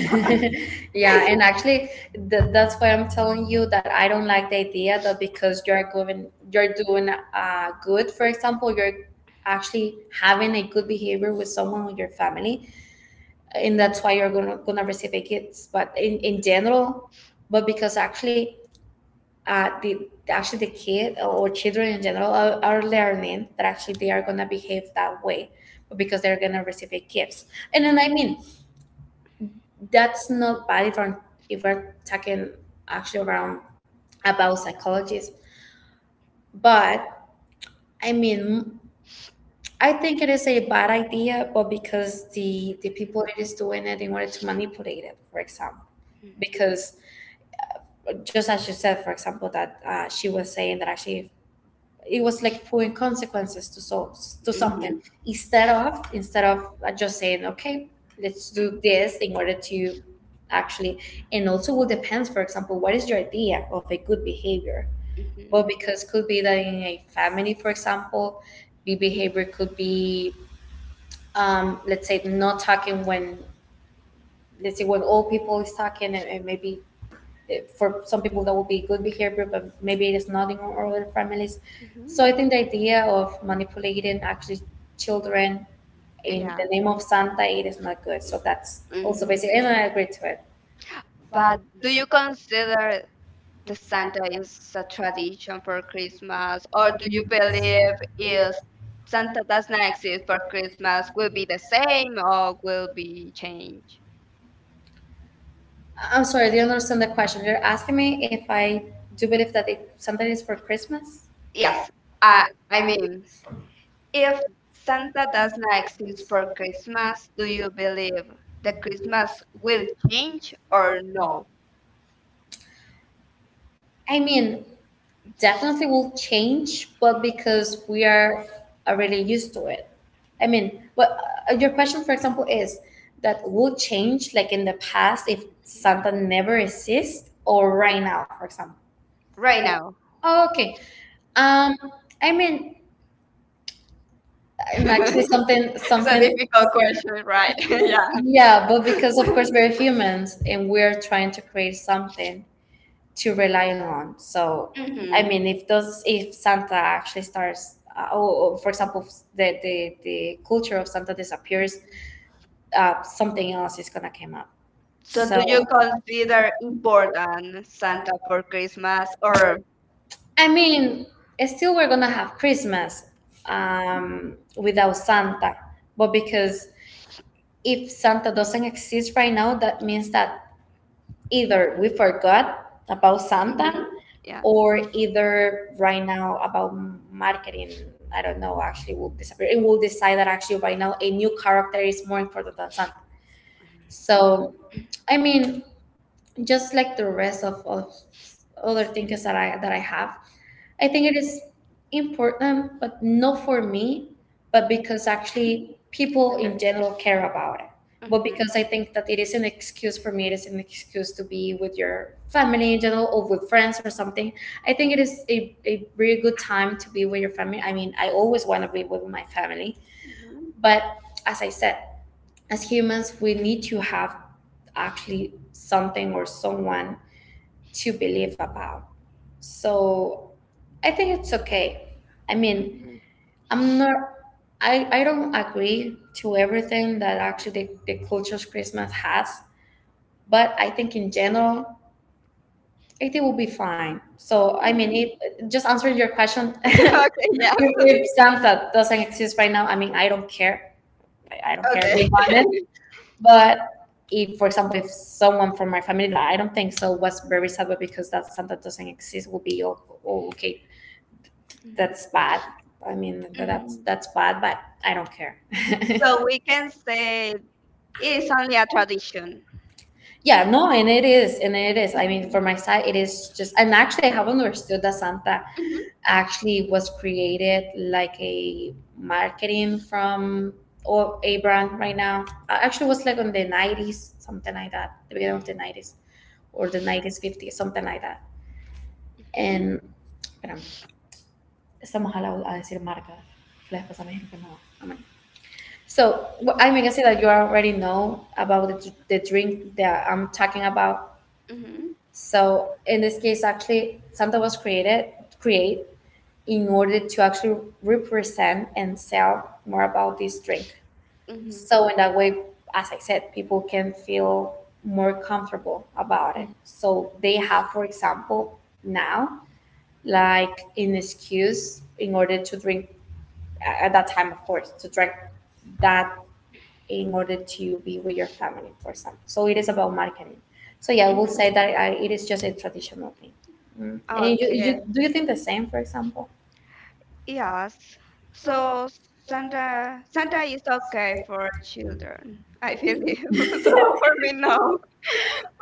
Yeah, and actually that's why I'm telling you that I don't like the idea that because you're giving, you're doing good, for example, you're actually having a good behavior with someone in your family, and that's why you're gonna receive a kids. But in general, but because actually, the actually the kid or children in general are learning that actually they are gonna behave that way, but because they're gonna receive a gifts. And then, I mean, that's not bad if if we're talking actually around about psychologists, but I mean. I think it is a bad idea, but because the Mhm. people that is doing it in order to manipulate it, for example because just as you said, for example, that she was saying that actually it was like putting consequences to so to something Mhm. instead of just saying okay, let's do this in order to actually, and also will depends. For example, what is your idea of a good behavior? Well, Mhm. because could be that in a family, for example, the behavior could be let's say not talking when let's say when old people is talking and maybe it- for some people that would be good behavior, but maybe it is not in all other families. Mhm. So I think the idea of manipulating actually children in the Yeah. name of Santa it is not good. So that's also basic, Mhm. and I agree to it. But But do do you you consider consider the the Santa silence is a that having tradition summer for Christmas, Christmas, or or do do you you believe believe if is Santa Santa does doesn't not have to be exist for for Christmas Christmas, will will be be the the same same or or will will it be be changed? changed? I'm sorry, I didn't understand the question. You're asking me if I do believe that it, something is for Christmas? Yes, Yes, I I, I I mean, mean, if if Santa Santa does does not high school exist for for Christmas, Christmas, do do you you believe believe the that Christmas Christmas will will change change or or no? no? I mean, definitely will change, but because we are already used to it. I mean, well, your question, for example, is that will change like in the past if Santa never exists, or right now, for example. Right Right. now. Oh, okay. Um, I mean, and actually something It's a something. difficult question, right? Yeah. Yeah, but because of course we're humans and we're trying to create something to rely on. So, I hmm mean, if those if Santa actually starts, for example, if the culture of Santa disappears, something else is gonna come up. So So, so do do So, you you consider consider important important Santa Santa for or Christmas Christmas or or? I mean, still we're gonna have Christmas without Santa, but because if Santa doesn't exist right now, that means that either we forgot about Hmm Santa Yeah. or either right now about marketing. I don't know, actually will disappear. It will decide that actually right now a new character is more important than Santa. So, I mean, just like the rest of other things that I have. I think it is important, but not for me, but because actually people Okay. in general care about it. But because hmm I think that it is an excuse for me, it is an excuse to be with your family in general or with friends or something. I think it is a really good time to be with your family. I mean, I always want to be with my family. hmm But as I said, as humans, we need to have actually something or someone to believe about. So I think it's okay. I mean, hmm I'm not. I don't agree to everything that actually the culture's Christmas has, but I think in general, I think will be fine. So I mean, hmm if, just answering your question, okay. Yes. if Santa doesn't exist right now, I mean, I don't care. I don't care. Okay. Being honest, but if, for example, if someone from my family that I don't think so was very sad, but because that's something that doesn't exist, will be oh, oh, okay, Mhm. that's bad. I mean, that's Mhm. that's bad, but I don't care. So So we can say it it is is only a something that tradition. yeah, no, and it is, and it is. I mean, for Mhm. my side, it is just, and actually, I have understood that Santa Mhm. actually was created like a marketing from or a brand right now. Actually, was like on the 90s, something like that, the beginning of the 90s or the 90s, 50s, something like that. And espérame, estamos al lado a decir marca. Les pasa a mi que no. Amén. So, I mean, I see that you already know about the drink that I'm talking about. Mhm. So, in this case, actually, Santa was created, create in order to actually represent and sell more about this drink. Mhm. So in that way, as I said, people can feel more comfortable about it. Mhm. So they have, for example, now like an excuse in order to drink at that time, of course, to drink that in order to be with your family, for example. So it is Mhm. about marketing. So yeah, I will say Mhm. that I, it is just a traditional thing. Mm. And Okay. Do you think the same, for example? Yes. So So when the Santa when the Santa is okay okay, for children, I I think it. believe. So For for me, no.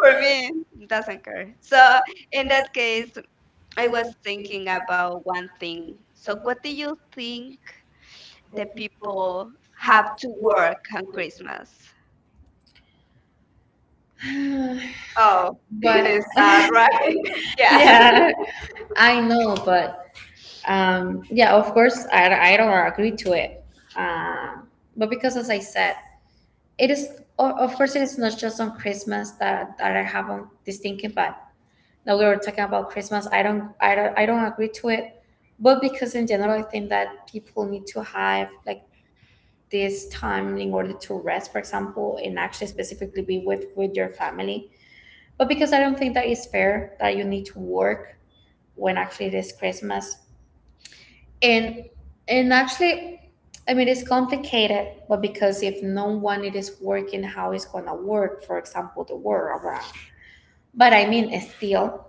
For me, doesn't nothing. care. So So in in that that case, case, I I was was thinking thinking about about one nothing. thing. So So what what do do you you think think the that people people have have to to work work on with? Christmas? Oh, Oh, but it it's is sad, like right? Yes. yeah. Yeah, I know, but yeah, of course, I don't agree to it. Um, but because, as I said, it is, of course, it is not just on Christmas that I have on this thinking, but now we were talking about Christmas. I don't agree to it, but because in general, I think that people need to have like this time in order to rest, for example, and actually specifically be with your family. But because I don't think that it's fair that you need to work when actually it is Christmas and and actually I mean it's complicated but because if no one it is working how it's gonna work for example the workaround but I mean it's still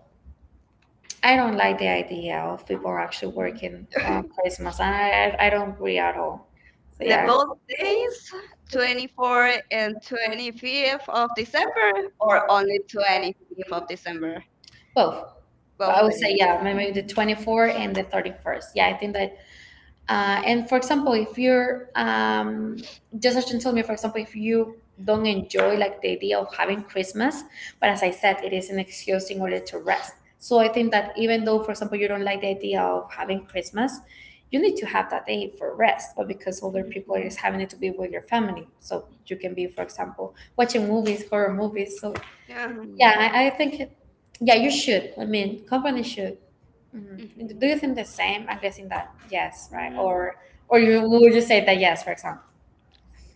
I don't like the idea of people actually working on Christmas and I don't agree at all so The yeah both days, 24 and 25th of December, or only 25th of December? both 12 I would say days. yeah Mhm. maybe the 24th and the 31st yeah I think that and for example, if you're just as you told me, for example, if you don't enjoy like the idea of having Christmas, but as I said, it is an excuse in order to rest. So I think that even though, for example, you don't like the idea of having Christmas, you need to have that day for rest. But because older people are just having it to be with your family, so you can be, for example, watching movies, horror movies. So Um, yeah, I think, yeah, you should. I mean, companies should. Mhm. Do mhm. you think the same? I'm guessing that yes, right? Mm, Or you would you say that yes, for example?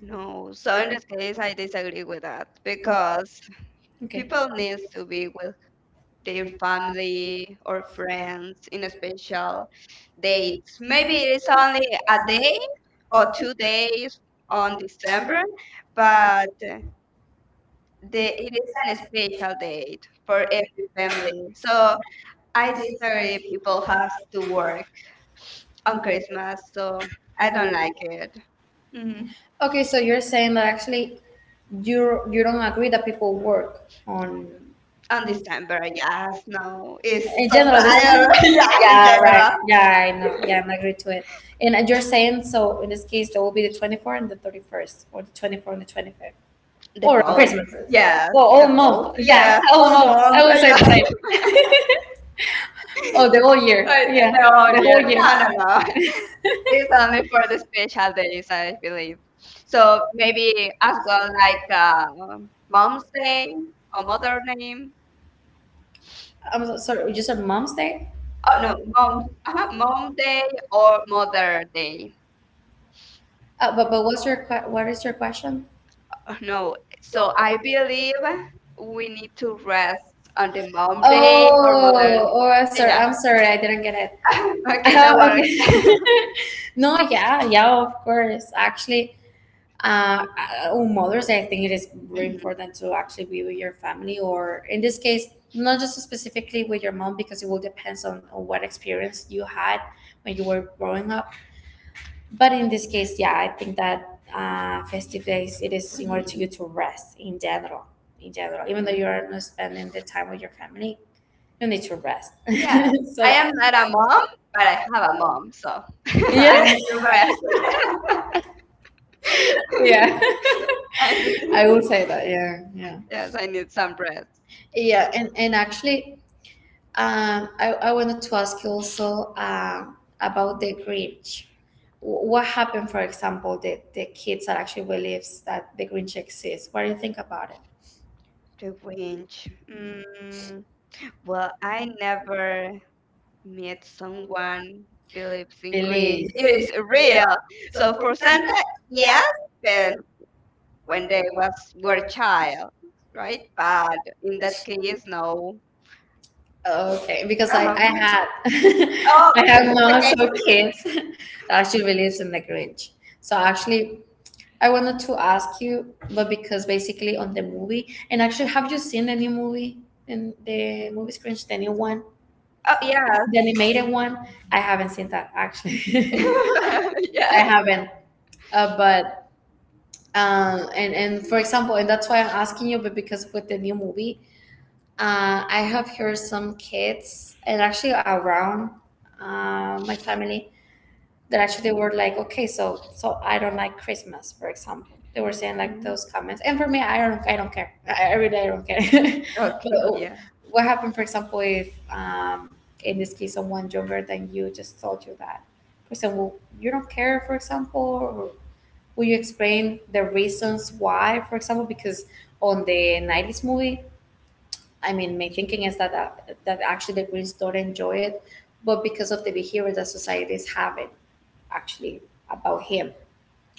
No, so in this case, I disagree with that because Okay. people needs to be with their family or friends in a special dates. Maybe it is only a day or 2 days on December, but it is an special date for every family. So I disagree. People has to work on Okay, Christmas, so so I I don't don't like like it. it. Mm. Okay, so you're saying that actually you don't agree that people work on On understand, December, yeah, I yes, don't know. no, It's it's in general this satire, yeah, in yeah right general. yeah I know yeah I'm agree to it and you're saying so in this case there will be the 24th and the 31st or the 24th and the 25th The or on both, Christmas. Yeah. yes, Well all the both, month yes, yeah all all month I month, will say yeah. the same oh the whole year I- yeah the no, whole the year, whole no, no, no. year. It's only for the special days, I believe. So So maybe maybe as well, about like like Mom's mom's Day day or or mother's Mother day. Name. I'm sorry, you said Mom's Day? Oh Oh no, no, Mom, mom. I have Mom mom Day day or or Mother mother's day. Day. But what's your what is your question? No, No. So so I I believe believe we we need need to to rest rest on on the the mom day or mom mother's day or mother. oh, oh, I'm sorry. Day. Yeah, I'm sorry. I didn't get it. okay, that Oh, was. okay. No, yeah, yeah, of course. Actually, uh, on Mother's Day, I think it is very Mhm, important to actually be with your family, or in this case, not just specifically with your mom, because it will depends on what experience you had when you were growing up. But in this case, yeah, I think that festive days it is in order to mhm, you to rest in general. In general, even though you mhm. are not spending the time with your family, you need to rest. So Yeah, yeah. So, I I am am not a not a mom, mom, but but I I have have a a mom, mom, so so I yeah. need to rest. Yeah. I need, I will say that. Yeah, yeah, yes, I need some rest. yeah. And actually, I wanted to ask you also about the Grinch. What happened, for example, the kids that actually believes that the Grinch exists? What do you think about it? The winch. Well, I never met someone believes in Grinch. Believe. When It is real. So for Santa, yes, but when they was were were a a child, child, right? right? But in In that that she is case, now. no. Oh, okay, because I Um, had oh, I have okay, now okay. okay. So kids that actually lives in the Grinch. So actually I wanted to ask you, but because basically on the movie and actually have you seen the new movie in the movie Grinch, the new one? Oh, Oh, yeah. yes. The animated one? I haven't seen that actually. Yes. I haven't. But and for example, and that's why I'm asking you, but because with the new movie, I have heard some kids and actually around my family that actually they Mhm, were like, okay, so I don't like Christmas, for example. They were saying like mhm. those comments, and for me, I don't care. I don't care. But Okay. Yeah. what happened, for example, if in this case, someone younger than you just told you that, for example, you don't care, for example, or will you explain the reasons why, for example, because on the 90s movie? I mean, my thinking is that that actually the Greens don't enjoy it, but because of the behavior that society is having actually about him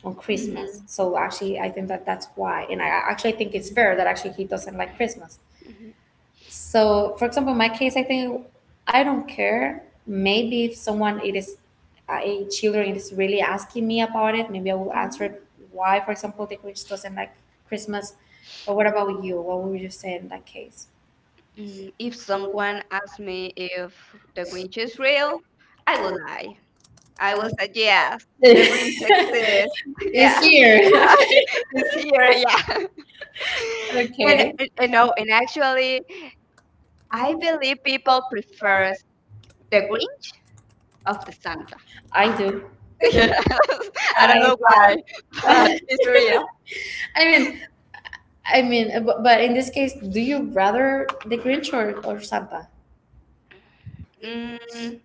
on Mhm, Christmas. So actually, I think that that's why, and I actually think it's mhm, fair that actually he doesn't like Christmas. mhm, So, for example, in my case, I think I don't care. Maybe if someone it is a children is really asking me about it, maybe I will answer mhm. it. Why, for example, the Grinch doesn't like Christmas? But what about you? What would you say in that case? If someone asked me if the Grinch is real, I will lie. I will say yes, the Grinch exists. Yeah, It's here. it's here. Yeah, and no, and actually, I believe people prefers the Okay. Grinch of the Okay. Santa. I do. Yes, I don't I know I why, but it's real. mean, but in this case, do you rather the Grinch, or Santa? Mm, Mm,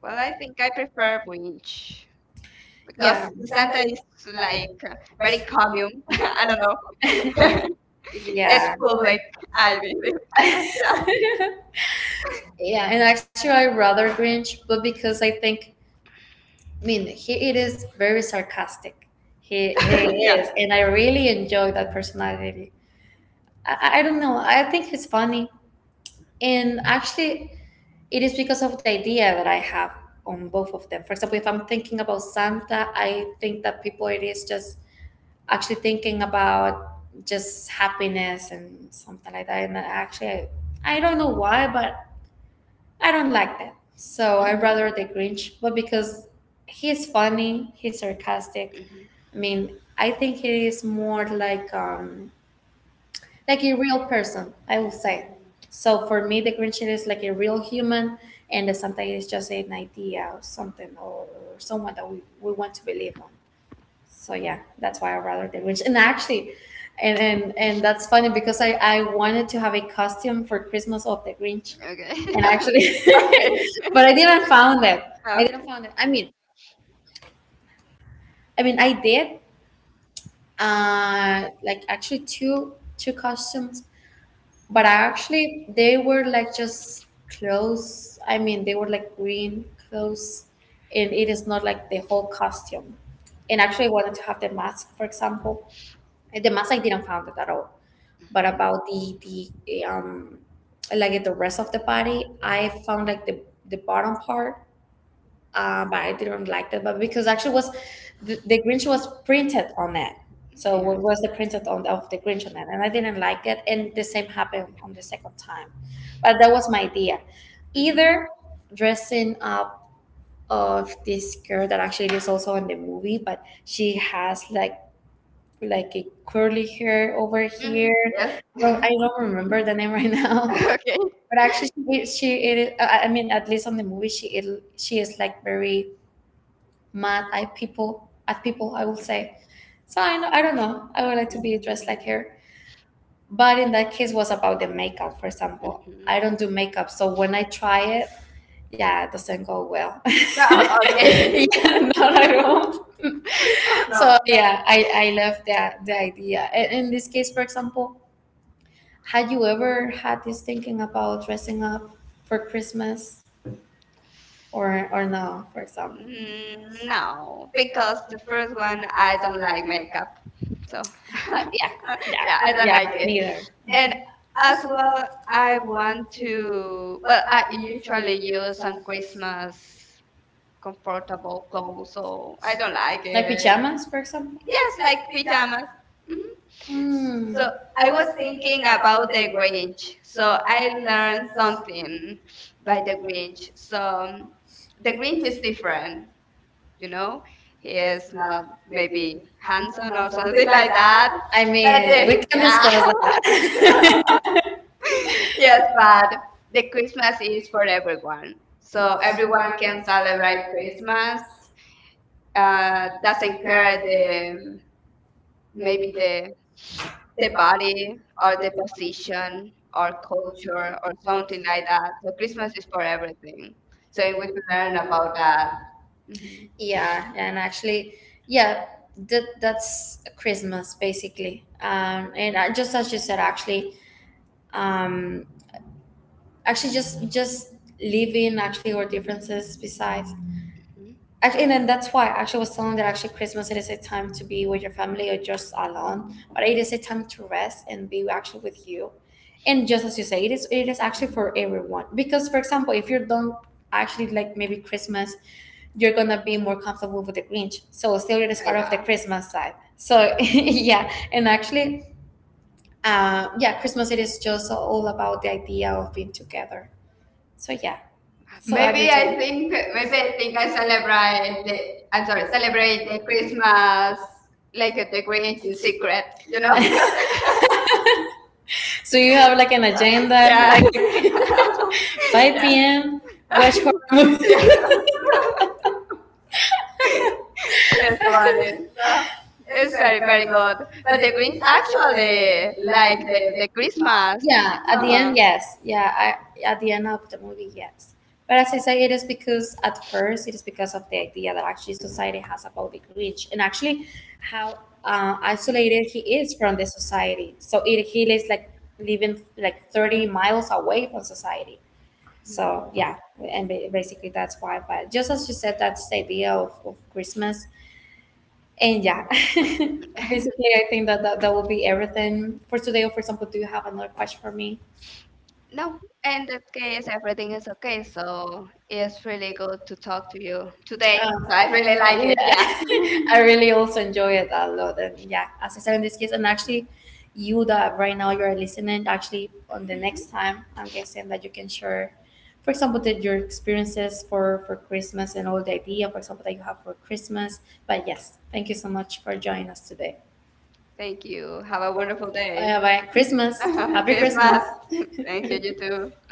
well, well, I I think think I I prefer prefer Grinch. Grinch because Yeah. the Santa Santa is is like like very very common. calming. I I don't don't know. know. It's Yeah. Cool. public, Like I believe. yeah, and actually I rather Grinch, but because I think, I mean, he it is very sarcastic. He Yeah, yeah. is, and I really enjoy that personality. I don't know. I think he's funny, and actually, it is because of the idea that I have on both of them. For example, if I'm thinking about Santa, I think that people it is just actually thinking about just happiness and something like that. And actually, I don't know why, but I don't like that. So I Mhm, rather the Grinch, but because he's funny, he's sarcastic. mhm, I mean, I think he is more like like a real person, I will say. mhm. So for me the Grinch is like a real human and the Santa is just an idea or something or someone that we want to believe on. So yeah, that's why I rather the Grinch, and actually and that's funny because I wanted to have a costume for Christmas of the Grinch Okay. and actually Okay. but I didn't found it. i Okay. didn't found it i mean i mean I did like actually two two costumes but I actually they were like just clothes. They were like green clothes and it is not like the whole costume and actually I Mhm, wanted to have the mask, for example the mass, I didn't found it at all. But mhm. about the like the rest of the body, I found like the bottom part, but I didn't like that. But because actually was the Grinch was printed on it, so what Yes. was the printed on of the Grinch on it, and I didn't like it. And the same happened on the second time, but that was my idea. Mhm. Either dressing up of this girl that actually is also in the movie, but she has like a curly hair over Mm, here. yes. Yes. I don't remember the name right now, Okay. but actually, she it is. I mean, at least on the movie, she is like very mad at people at people. I will say. So I don't know. I would like to be dressed like Mm-hmm. her, but in that case, was about the makeup. For example, Mhm. I don't do makeup, so when I try it, yeah, it doesn't go well. Yeah, Oh, okay. okay. Yeah, not at all. Oh, No. no. So yeah, I love that the idea. And in this case, for example, had you ever had this thinking about dressing up for Christmas, or no, for example? Mm, Mm, no, No, because because the the first first one one, I I don't don't like like makeup. makeup. So So, yeah, yeah, yeah, yeah, I I don't don't yeah, like like it. it. Neither. And And as as well, well, I I want want to. to, well, Well, I I usually usually use use some some Christmas Christmas comfortable comfortable clothes, clothes, so so I I don't don't like like it. it. Pajamas, for example? Yes, Yes, like like pajamas. pajamas. Mm-hmm. Mm. So So mm. I I was was thinking thinking about about the the Grinch. Grinch. So So I I learned learned something something by by the the Grinch. Grinch. So So the the Grinch Grinch is is different, different, you you know. know. He He is is not not maybe maybe handsome handsome or or something something like like that. that. I But But the, mean, we can yeah, discuss yeah, that. yes, Yes, but but the the Christmas Christmas is is for for everyone. everyone. So So everyone everyone can can celebrate celebrate Christmas. Christmas. Doesn't Doesn't care care the the maybe maybe the the the body body or or the the position position or or culture culture or or something something like like that. that. So So business Christmas is is for for everyone. everything. So So and we we can learn learn about about that. that. Hmm Yeah, and actually, yeah, that's Christmas basically. And just as you said, actually, um, actually, just living actually our differences besides. Actually, and then that's why actually I was telling that actually Christmas it is a time to be with your family or just alone, but it is a time to rest and be actually with you. And just as you say, it is actually for everyone because, for example, if you don't actually like maybe Christmas, you're gonna be more comfortable with the Grinch. So still, it is part of Yeah. the Christmas side. So yeah, and actually, yeah, Christmas it is just all about the idea of being together. So yeah. So Maybe I think maybe I maybe I think think I I celebrate celebrate the, the, I'm I'm sorry, sorry, celebrate celebrate the the Christmas Christmas like like at the the Grinch Grinch in in secret, secret, you you know? know? So you have like an agenda, Yeah. like 5 p.m. watch horror movie. Yeah. It's That's funny. funny. So That it's is very, very, very very good. good. But But the the Grinch Grinch actually actually like like the, the the Christmas. Christmas. Yeah, at the Uh-huh. end, yes. Yeah, I, at the end of the movie, yes. But as I say, it is because at first it is because of the idea that actually society has about the Grinch and actually how isolated he is from the society. So it, he lives like living like 30 miles away from society. So yeah, and basically that's why. But just as you said, that's the idea of Christmas and yeah, basically, I think that, that will be everything for today. Or for example, do you have another question for me? No, No, and in that it's case, everything everything is is okay. okay, so So it's it's really really good good to to talk talk to to you you today. today. So So I I really really like like it. it. Yeah. Yeah, I really also enjoy it a lot. And yeah, as I said in this case, and actually, you that right now you're listening, actually, on the next time, I'm guessing that you can share, for example, that your experiences for Christmas and all the idea, for example, that you have for Christmas. But yes, thank you so much for joining us today. Thank Thank you. you. Have a Have a wonderful wonderful day. day. Bye bye. Christmas. Happy Christmas. Christmas. Christmas. Thank Thank you. You you. You too. too.